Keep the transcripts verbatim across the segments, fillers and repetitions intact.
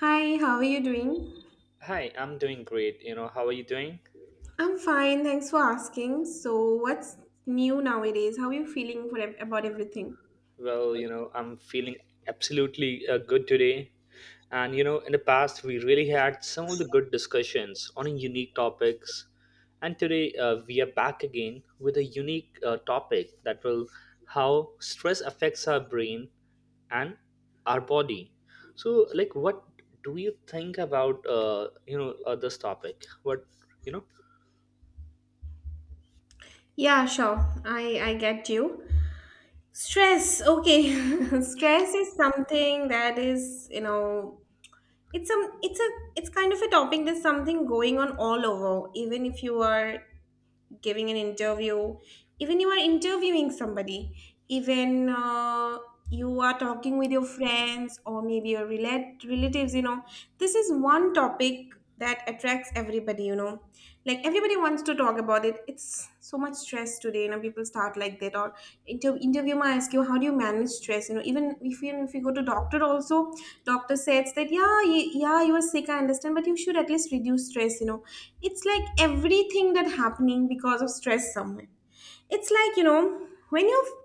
Hi, how are you doing? Hi, I'm doing great. You know, how are you doing? I'm fine, thanks for asking. So, what's new nowadays? How are you feeling for ev- about everything? Well, you know, I'm feeling absolutely uh, good today. And, you know, in the past, we really had some of the good discussions on unique topics. And today, uh, we are back again with a unique uh, topic that will how stress affects our brain and our body. So, like, what do you think about, uh, you know, uh, this topic? What, you know, Yeah, sure. I I get you. Stress. Okay. Stress is something that is, you know, it's some it's a it's kind of a topic that's something going on all over. Even if you are giving an interview, even you are interviewing somebody, even uh, you are talking with your friends or maybe your relate- relatives, you know, this is one topic that attracts everybody, you know. Like everybody wants to talk about it. It's so much stress today, you know, people start like that, or inter- interviewer might ask you how do you manage stress, you know, even if you if you go to doctor also, doctor says that yeah, y- yeah, you are sick, I understand, but you should at least reduce stress. You know, it's like everything that happening because of stress somewhere. It's like, you know, when you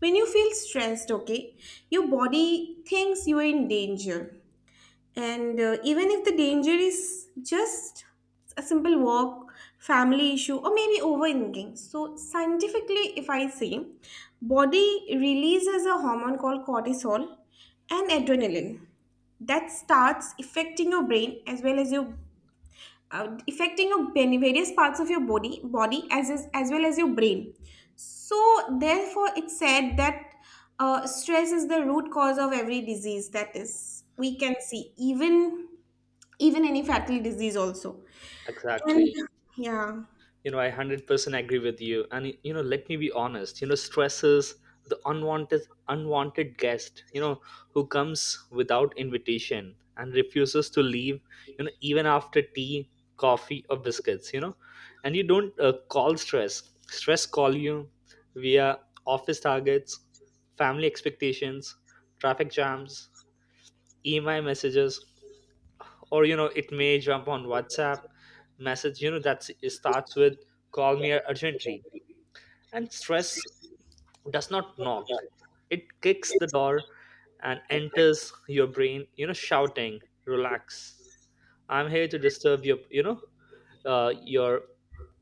when you feel stressed, okay, your body thinks you are in danger, and uh, even if the danger is just a simple walk, family issue, or maybe overthinking. So scientifically, if I say, body releases a hormone called cortisol and adrenaline, that starts affecting your brain as well as your uh, affecting your many various parts of your body body as is, as well as your brain. So therefore it's said that uh, stress is the root cause of every disease that is we can see, even even any fatal disease also. And exactly. yeah. you know I one hundred percent agree with you. And, you know let me be honest, you know stresses the unwanted unwanted guest, you know who comes without invitation and refuses to leave, you know even after tea, coffee or biscuits, you know and you don't uh, call stress. Stress call you via office targets, family expectations, traffic jams, email messages, or, you know it may jump on whatsapp message, you know that starts with "Call me urgently." And stress does not knock, it kicks the door and enters your brain, you know shouting, "Relax, I'm here to disturb your, you know uh, your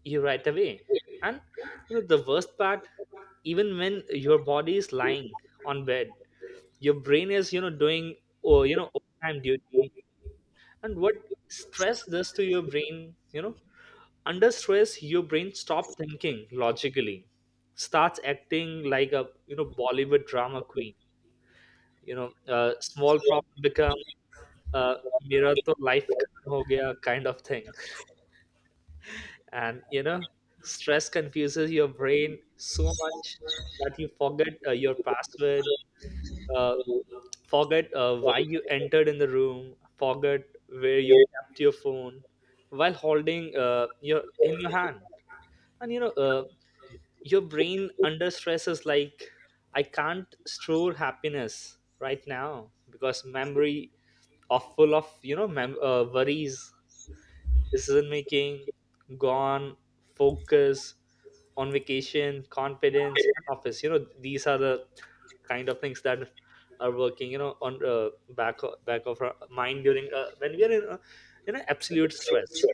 you right away." And, you know the worst part, even when your body is lying on bed, your brain is, you know doing, or, you know overtime duty. And what stress does to your brain, you know under stress your brain stops thinking logically, starts acting like a, you know bollywood drama queen, you know uh, small problem become, uh, mirror to life खत्म ho gaya kind of thing. And, you know stress confuses your brain so much that you forget uh, your password, uh, forget uh, why you entered in the room, forget where you kept your phone while holding uh, your in your hand. And, you know uh, your brain under stress is like, "I can't store happiness right now because memory are full of, you know mem- uh, worries. Decision making gone. Focus on vacation. Confidence and office." You know these are the kind of things that are working, you know on, uh, back o- back of our mind during, uh, when we are in, uh, in an absolute stress.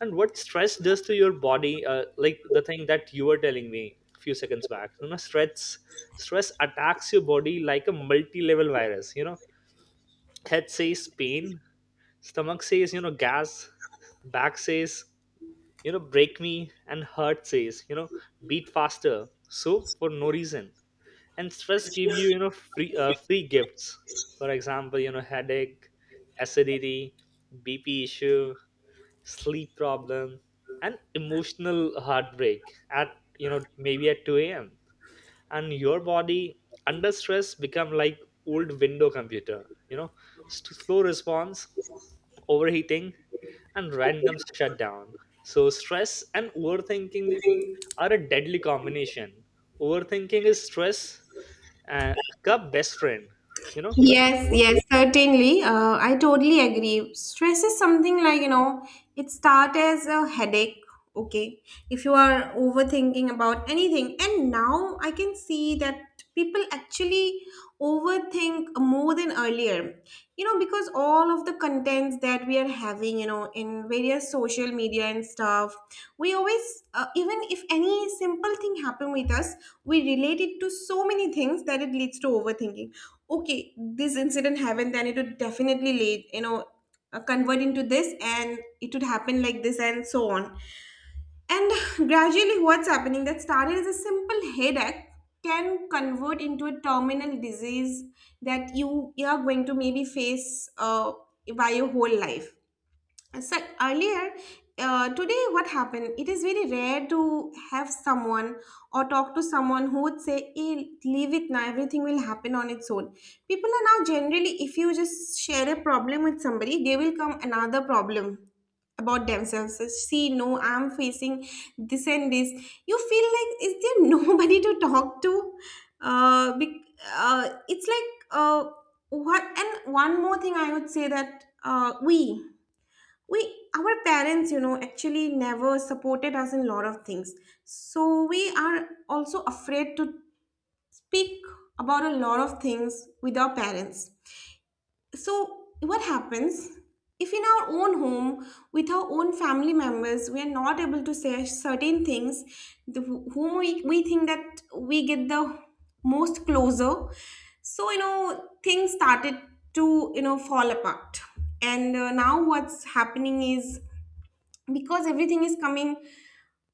And what stress does to your body, uh, like the thing that you were telling me a few seconds back, you know stress stress attacks your body like a multi-level virus, you know head says pain, stomach says, you know gas, back says, you know break me, and heart says, you know beat faster, so for no reason. And stress give you, you know free uh, free gifts. For example, you know headache, acidity, B P issue, sleep problems, and emotional heartbreak at, you know maybe at two a m. And your body under stress become like old window computer, you know, st- slow response, overheating, and random shutdown. So stress and overthinking are a deadly combination. Overthinking is stress, uh, cup best friend. You know, Yes, Wh- yes, certainly. Uh, I totally agree. Stress is something like, you know, it starts as a headache, okay? If you are overthinking about anything. And now I can see that people actually overthink more than earlier, you know, because all of the contents that we are having, you know, in various social media and stuff, we always, uh, even if any simple thing happen with us, we relate it to so many things that it leads to overthinking. Okay, this incident happened, then it would definitely lead, you know, uh, convert into this, and it would happen like this, and so on. And gradually what's happening that started as a simple headache can convert into a terminal disease that you, you are going to maybe face uh, by your whole life. So earlier, uh, today what happened? It is very rare to have someone or talk to someone who would say, "Hey, leave it now. Everything will happen on its own." People are now generally, if you just share a problem with somebody, they will come another problem about themselves. So, see, no, I'm facing this and this. You feel like is there nobody to talk to? Uh, bec- uh, it's like uh, what? And one more thing, I would say that uh, we we our parents, you know, actually never supported us in a lot of things, so we are also afraid to speak about a lot of things with our parents. So what happens, if in our own home, with our own family members we are not able to say certain things, the, whom we, we think that we get the most closer, so you know things started to, you know, fall apart. And uh, now what's happening is, because everything is coming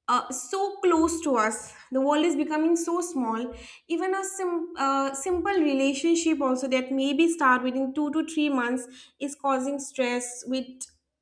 uh, so close to us. The world is becoming so small. Even a sim- uh, simple relationship, also that maybe start within two to three months, is causing stress with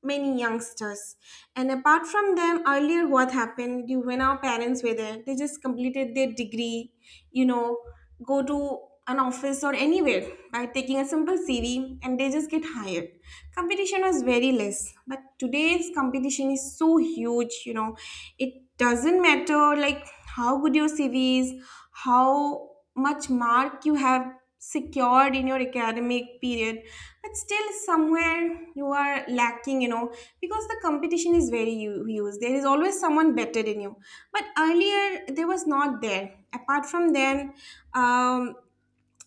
many youngsters. And apart from them, earlier what happened, you, when our parents were there, they just completed their degree, you know, go to an office or anywhere by taking a simple C V, and they just get hired. Competition was very less, but today's competition is so huge, you know, it doesn't matter like how good your cv is, how much mark you have secured in your academic period, but still somewhere you are lacking, you know, because the competition is very hu- huge, there is always someone better than you, but earlier there was not there. Apart from then, um,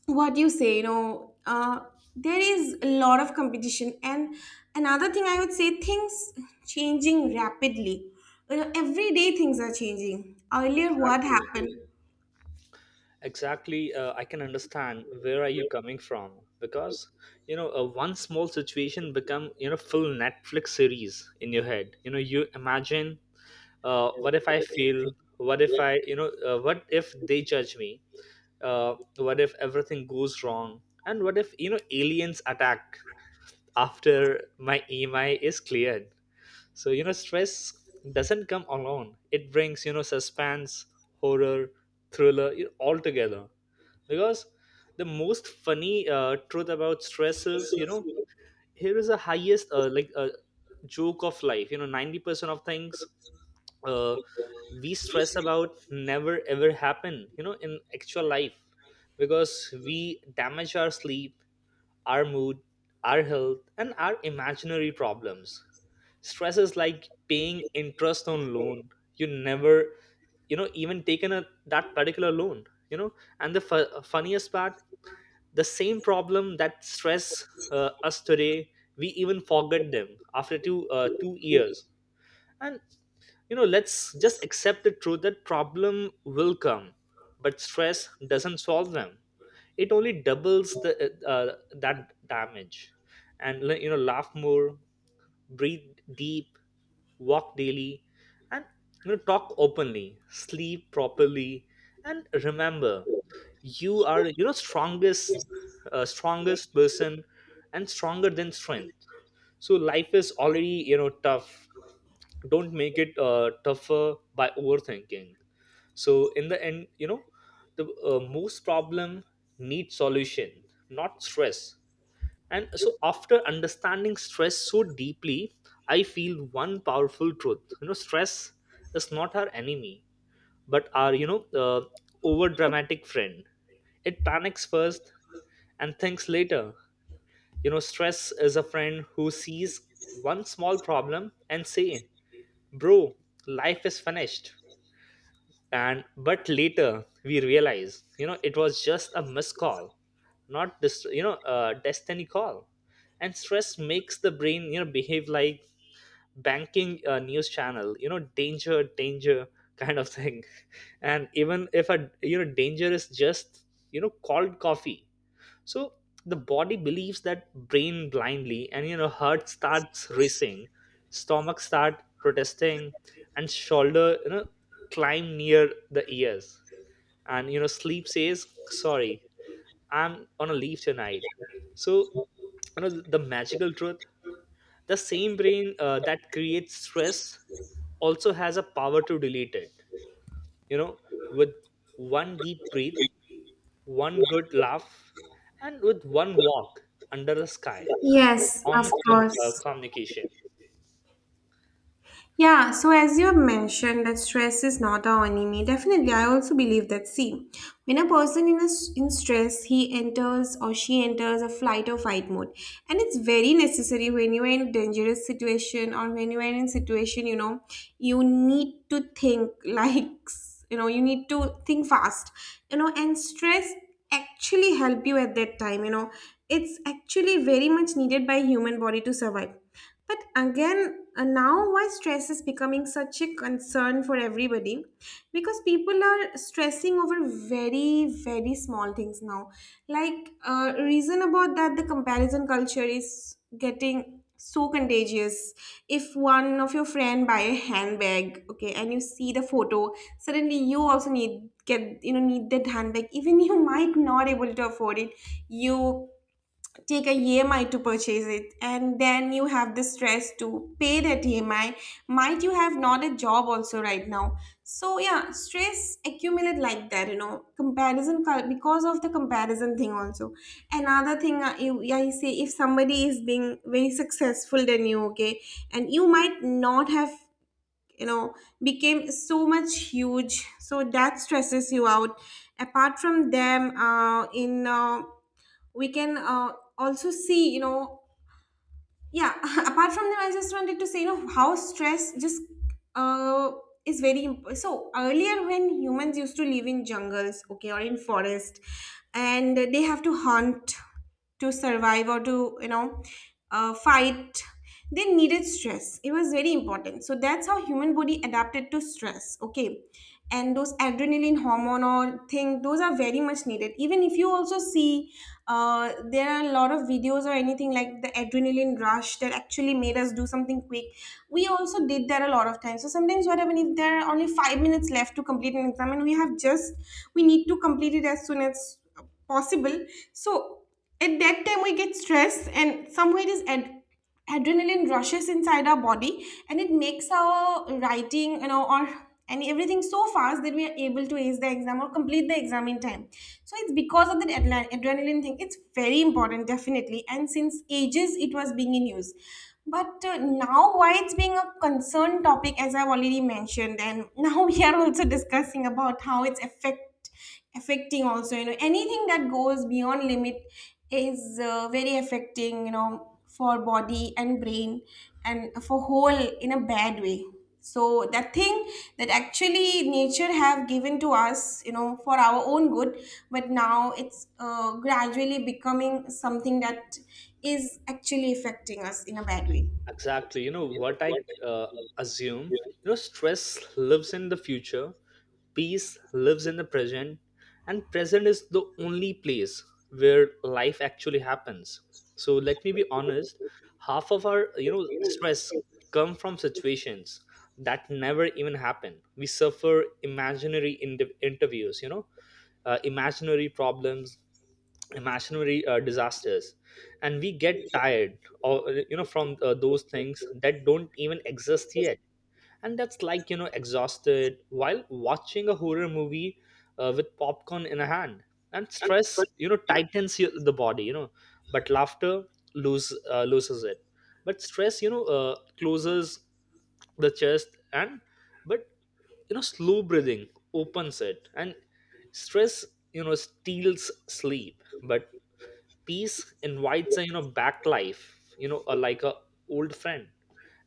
what you say, you know, uh, there is a lot of competition, and another thing I would say, things changing rapidly, you know, every day things are changing, earlier what exactly. happened. Exactly, uh, I can understand where are you coming from, because, you know uh, one small situation become, you know full Netflix series in your head. You know you imagine, uh, what if I feel? What if I, you know uh, what if they judge me? Uh, what if everything goes wrong? And what if, you know aliens attack after my E M I is cleared? So, you know stress doesn't come alone. It brings, you know suspense, horror, thriller, you know, all together, because the most funny uh, truth about stress is, you know here is the highest uh, like uh, joke of life, you know ninety percent of things, uh, we stress about never ever happen, you know in actual life. Because we damage our sleep, our mood, our health, and our imaginary problems. Stress is like paying interest on loan you never, you know even taken a, that particular loan, you know and the fu- funniest part, the same problem that stress uh, us today, we even forget them after two uh, two years. And, you know let's just accept the truth that problem will come, but stress doesn't solve them. It only doubles the, uh, uh, that damage. And, you know laugh more, breathe deep, walk daily, and, you know talk openly, sleep properly, and remember you are, you know strongest uh, strongest person, and stronger than strength. So life is already, you know tough. Don't make it uh, tougher by overthinking. So in the end, you know the uh, most problem need solution, not stress. And so after understanding stress so deeply, I feel one powerful truth. You know stress is not our enemy, but our, you know uh, over dramatic friend. It panics first and thinks later. You know, stress is a friend who sees one small problem and say, "Bro, life is finished." And but later we realize, you know, it was just a missed call, not this, you know, uh, destiny call. And stress makes the brain, you know, behave like banking uh, news channel, you know, danger, danger kind of thing. And even if a, you know danger is just, you know cold coffee. So the body believes that brain blindly, and, you know heart starts racing, stomach start protesting, and shoulder, you know climb near the ears, and, you know sleep says sorry, I'm on a leave tonight. So, you know the magical truth: the same brain uh, that creates stress also has a power to delete it, you know with one deep breath, one good laugh, and with one walk under the sky. And Yes, of honest con- uh, course. communication. Yeah, so as you have mentioned that stress is not our enemy, definitely I also believe that, see, when a person in a, s- in stress, he enters or she enters a flight or fight mode. And it's very necessary when you're in a dangerous situation or when you're in a situation, you know, you need to think like, you know, you need to think fast, you know, and stress actually help you at that time, you know. It's actually very much needed by human body to survive, but again uh, now why stress is becoming such a concern for everybody, because people are stressing over very very small things now. Like uh, reason about that, the comparison culture is getting so contagious. If one of your friend buy a handbag, okay, and you see the photo, suddenly you also need get, you know, need that handbag, even you might not able to afford it. You take a E M I to purchase it, and then you have the stress to pay that E M I. Might you have not a job also right now? So yeah, stress accumulate like that, you know. Comparison cul- because of the comparison thing also. Another thing I, I say, if somebody is being very successful than you, okay, and you might not have, you know, became so much huge, so that stresses you out. Apart from them, uh, in uh, we can uh, also see, you know, yeah. Apart from them, I just wanted to say, you know, how stress just uh, is very imp- so earlier when humans used to live in jungles, okay, or in forest, and they have to hunt to survive, or to, you know, uh, fight, they needed stress. It was very important. So that's how human body adapted to stress, okay. And those adrenaline hormone or thing, those are very much needed. Even if you also see, uh, there are a lot of videos or anything like the adrenaline rush that actually made us do something quick, we also did that a lot of times. So sometimes what happens, if there are only five minutes left to complete an exam, and we have just, we need to complete it as soon as possible. So at that time we get stressed, and somewhere it is ad- adrenaline rushes inside our body, and it makes our writing, you know, or and everything so fast that we are able to ace the exam or complete the exam in time. So it's because of that adla- adrenaline thing, it's very important definitely, and since ages it was being in use. But uh, now why it's being a concern topic, as I've already mentioned, and now we are also discussing about how it's affect affecting also, you know, anything that goes beyond limit is uh, very affecting, you know, for body and brain, and for whole in a bad way. So that thing that actually nature have given to us, you know, for our own good, but now it's uh, gradually becoming something that is actually affecting us in a bad way. Exactly. You know what I, uh, assume? You know, stress lives in the future, peace lives in the present, and present is the only place where life actually happens. So let me be honest, half of our, you know, stress come from situations that never even happen. We suffer imaginary in- interviews, you know, uh, imaginary problems, imaginary uh, disasters, and we get tired, or, you know from uh, those things that don't even exist yet. And that's like, you know exhausted while watching a horror movie uh, with popcorn in a hand. And stress, you know tightens your, the body, you know but laughter lose uh, loses it. But stress, you know uh, closes the chest, and but, you know slow breathing opens it. And stress, you know steals sleep, but peace invites a, you know back life, you know a, like a old friend.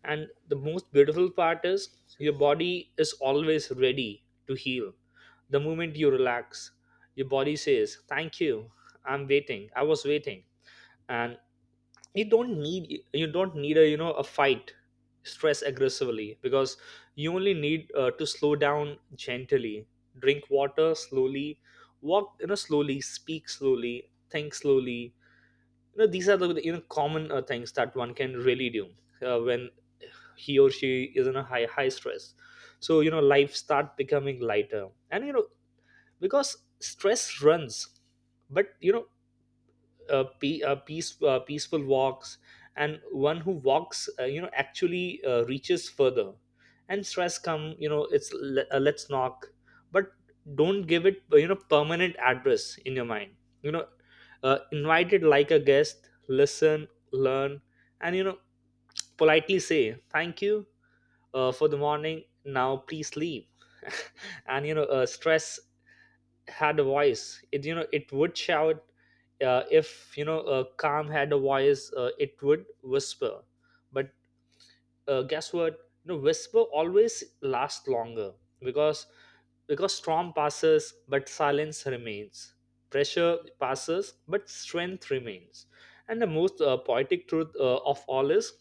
And the most beautiful part is, your body is always ready to heal. The moment you relax, your body says, "Thank you, I'm waiting, I was waiting." And you don't need you don't need a, you know a fight stress aggressively, because you only need uh, to slow down gently. Drink water slowly, walk, you know slowly, speak slowly, think slowly. You know these are the, you know common uh, things that one can really do, uh, when he or she is in a high high stress. So, you know life start becoming lighter. And, you know because stress runs, but, you know uh, pe- uh, peace, uh, peaceful walks, and one who walks, uh, you know actually, uh, reaches further. And stress come, you know it's le- uh, let's knock, but don't give it, uh, you know permanent address in your mind, you know uh, Invite it like a guest. Listen, learn, and, you know politely say thank you uh, for the morning, now please leave. And, you know uh, stress had a voice, it, you know it would shout. Uh, if, you know uh, calm had a voice, uh, it would whisper. But, uh, guess what, you know whisper always lasts longer. because because storm passes but silence remains, pressure passes but strength remains. And the most uh, poetic truth uh, of all is,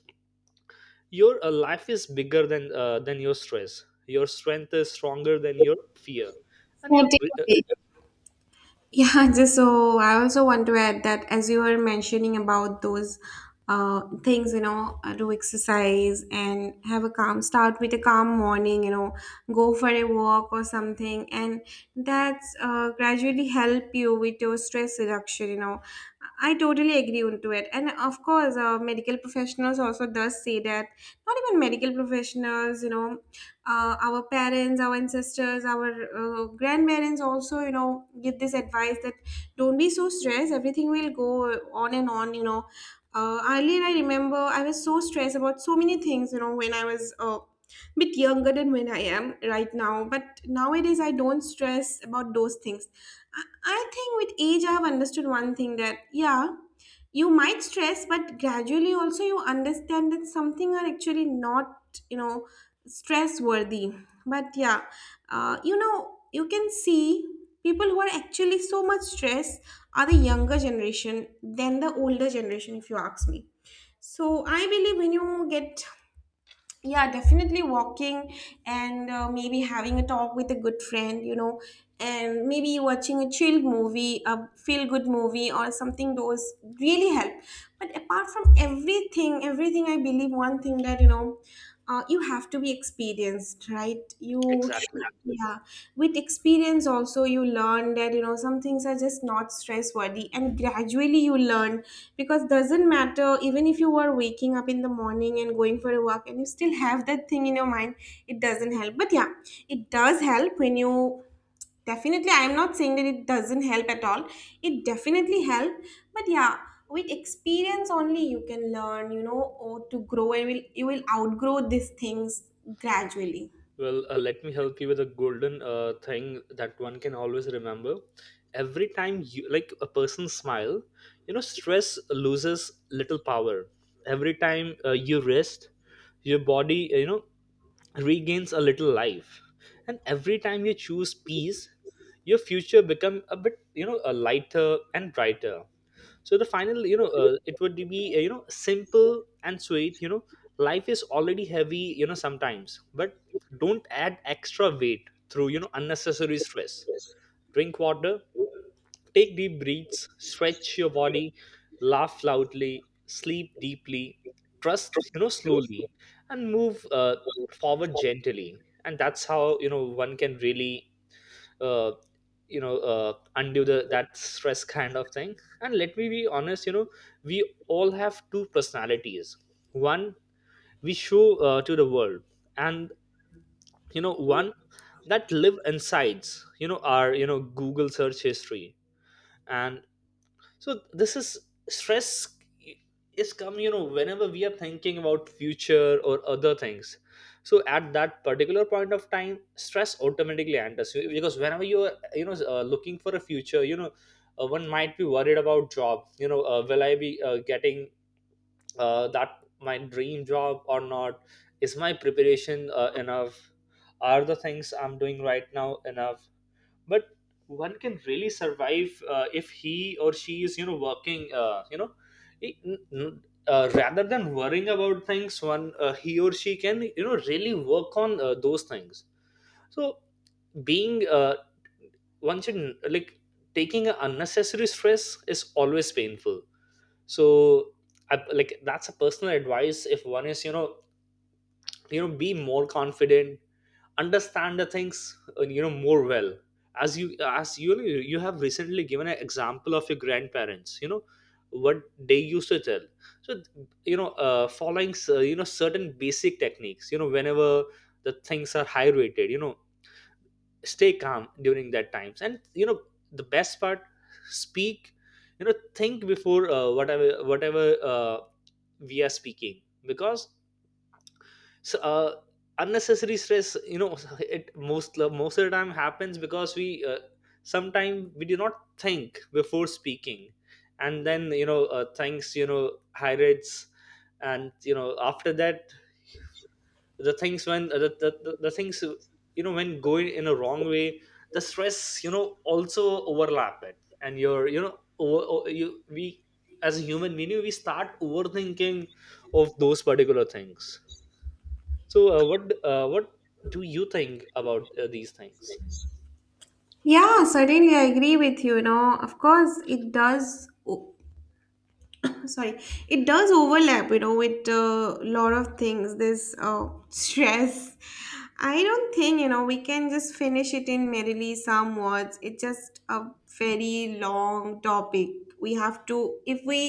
your uh, life is bigger than, uh, than your stress. Your strength is stronger than your fear. And your Certainly. bri- uh, Yeah, just so I also want to add that as you were mentioning about those uh, things, you know, uh, do exercise and have a calm start with a calm morning, you know, go for a walk or something, and that's uh, gradually help you with your stress reduction, you know. I totally agree onto it, and of course, uh, medical professionals also does say that. Not even medical professionals, you know, uh, our parents, our ancestors, our uh, grandparents also, you know, give this advice that don't be so stressed, everything will go on and on, you know. Uh, earlier I remember I was so stressed about so many things, you know, when I was uh, bit younger than when I am right now, but nowadays I don't stress about those things. I, I think with age I have understood one thing, that yeah, you might stress, but gradually also you understand that something are actually not, you know, stress worthy. But yeah, uh, you know, you can see people who are actually so much stressed are the younger generation than the older generation, if you ask me. So I believe when you get, yeah, definitely walking, and uh, maybe having a talk with a good friend, you know, and maybe watching a chilled movie, a feel good movie or something, those really help. But apart from everything everything I believe one thing, that you know, uh, you have to be experienced, right, you. exactly. Yeah, with experience also you learn, that you know some things are just not stress worthy, and gradually you learn. Because doesn't matter, even if you are waking up in the morning and going for a walk, and you still have that thing in your mind, it doesn't help. But yeah, it does help when you, definitely I'm not saying that it doesn't help at all, it definitely help. But yeah, with experience only you can learn, you know, or to grow, and will you will outgrow these things gradually. Well, uh, let me help you with a golden uh, thing that one can always remember. Every time you like a person smile, you know, stress loses little power. Every time uh, you rest, your body, uh, you know, regains a little life. And every time you choose peace, your future become a bit, you know, a lighter and brighter. So the final, you know uh, it would be, uh, you know, simple and sweet, you know. Life is already heavy, you know, sometimes, but don't add extra weight through, you know, unnecessary stress. Drink water, take deep breaths, stretch your body, laugh loudly, sleep deeply, trust, you know, slowly, and move uh, forward gently. And that's how, you know, one can really, uh, you know uh, undo the that stress kind of thing. And let me be honest, you know, we all have two personalities. One, we show, uh, to the world, and, you know, one that live insides, you know, our, you know, Google search history. And so this is stress, is come, you know, whenever we are thinking about future or other things. So at that particular point of time stress automatically enters you, because whenever you are, you know, uh, looking for a future, you know, uh, one might be worried about job, you know, uh, will I be uh, getting uh, that my dream job or not? Is my preparation uh, enough? Are the things I'm doing right now enough? But one can really survive, uh, if he or she is, you know, working, uh, you know i- n- n- uh, rather than worrying about things, one, uh, he or she can, you know, really work on, uh, those things. So being uh, one should, like, taking an unnecessary stress is always painful. So I, like, that's a personal advice. If one is, you know, you know, be more confident, understand the things, uh, you know, more well. As you, as you you have recently given an example of your grandparents, you know, what they used to tell. So, you know, uh, following, uh, you know, certain basic techniques, you know, whenever the things are high rated, you know, stay calm during that times, and, you know, the best part, speak, you know, think before, uh, whatever whatever uh, we are speaking. Because so, uh, unnecessary stress, you know, it most most of the time happens because we, uh, sometimes we do not think before speaking. And then, you know, uh, things, you know, hydrates. And, you know, after that, the things when, uh, the, the, the, the things, you know, when going in a wrong way, the stress, you know, also overlap it, and you're, you know, over, o- you we, as a human being, we start overthinking of those particular things. So, uh, what uh, what do you think about uh, these things? Yeah, certainly I agree with you. You know, of course, it does sorry, it does overlap, you know, with a lot of things, this uh, stress. I don't think, you know, we can just finish it in merely some words, it's just a very long topic. We have to, if we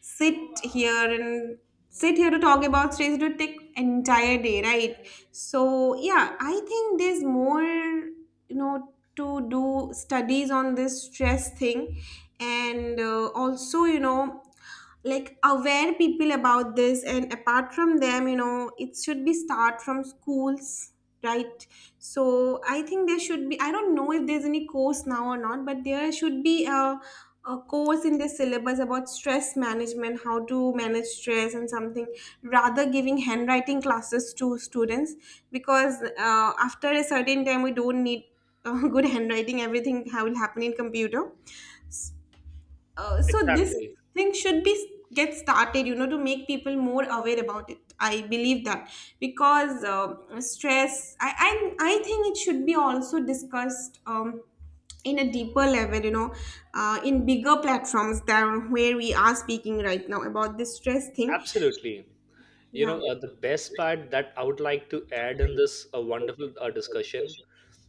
sit here and sit here to talk about stress, it would take entire day, right? So yeah, I think there's more, you know, to do studies on this stress thing, and uh, also, you know, like aware people about this. And apart from them, you know, it should be start from schools, right? So I think there should be, I don't know if there's any course now or not, but there should be a, a course in the syllabus about stress management, how to manage stress and something, rather giving handwriting classes to students. Because uh, after a certain time we don't need uh, good handwriting, everything ha- will happen in computer. Uh, so this Exactly, thing should be get started, you know, to make people more aware about it, I believe that. Because uh, stress I, I I think it should be also discussed, um, in a deeper level, you know, uh, in bigger platforms than where we are speaking right now about this stress thing. absolutely. You Yeah. know, uh, the best part that I would like to add in this uh, wonderful uh, discussion,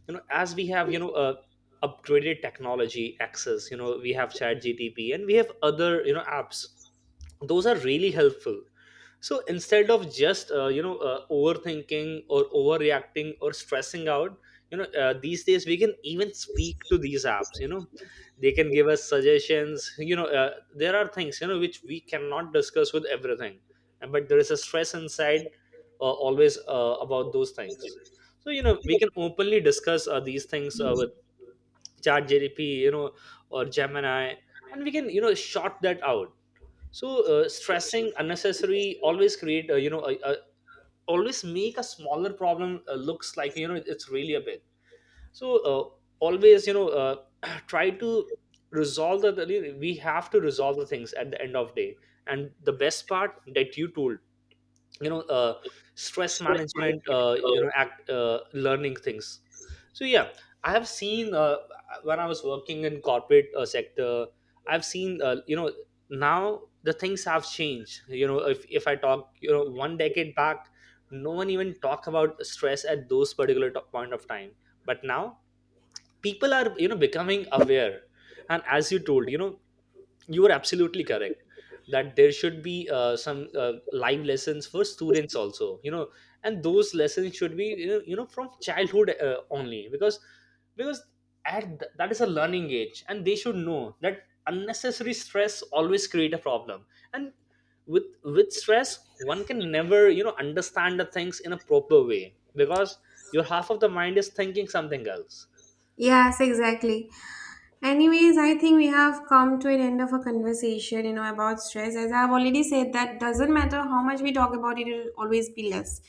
you know, as we have, you know, uh, upgraded technology access, you know, we have Chat G T P, and we have other, you know, apps. Those are really helpful. So instead of just, uh, you know uh, overthinking or overreacting or stressing out, you know, uh, these days we can even speak to these apps, you know, they can give us suggestions, you know. Uh, there are things, you know, which we cannot discuss with everything, and but there is a stress inside, uh, always, uh, about those things. So, you know, we can openly discuss, uh, these things, uh, with chat, you know, or Gemini, and we can, you know, short that out. So, uh, stressing unnecessary always create, uh, you know, a, a, always make a smaller problem uh, looks like, you know, it's really a big. So, uh, always, you know, uh, try to resolve the the- we have to resolve the things at the end of day. And the best part that you told, you know, uh, stress management, uh, you know, act, uh, learning things. So yeah, I have seen, uh, when I was working in corporate uh, sector, I've seen, uh, you know, now the things have changed, you know. If, if I talk, you know, one decade back, no one even talk about stress at those particular to- point of time. But now people are, you know, becoming aware. And as you told, you know, you are absolutely correct that there should be uh, some uh, live lessons for students also, you know. And those lessons should be, you know, you know, from childhood, uh, only. Because because at th- that is a learning age, and they should know that unnecessary stress always create a problem. And with with stress one can never, you know, understand the things in a proper way, because your half of the mind is thinking something else. Yes, exactly. Anyways, I think we have come to an end of a conversation, you know, about stress. As I've already said, that doesn't matter how much we talk about it, it'll always be less.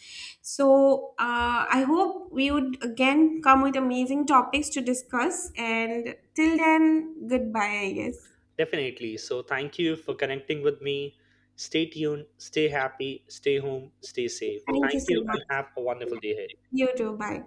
So uh, I hope we would again come with amazing topics to discuss. And till then, goodbye, I guess. Definitely. So, thank you for connecting with me. Stay tuned, stay happy, stay home, stay safe. Thank you Thank so you, and much. have a wonderful day ahead. You too. Bye.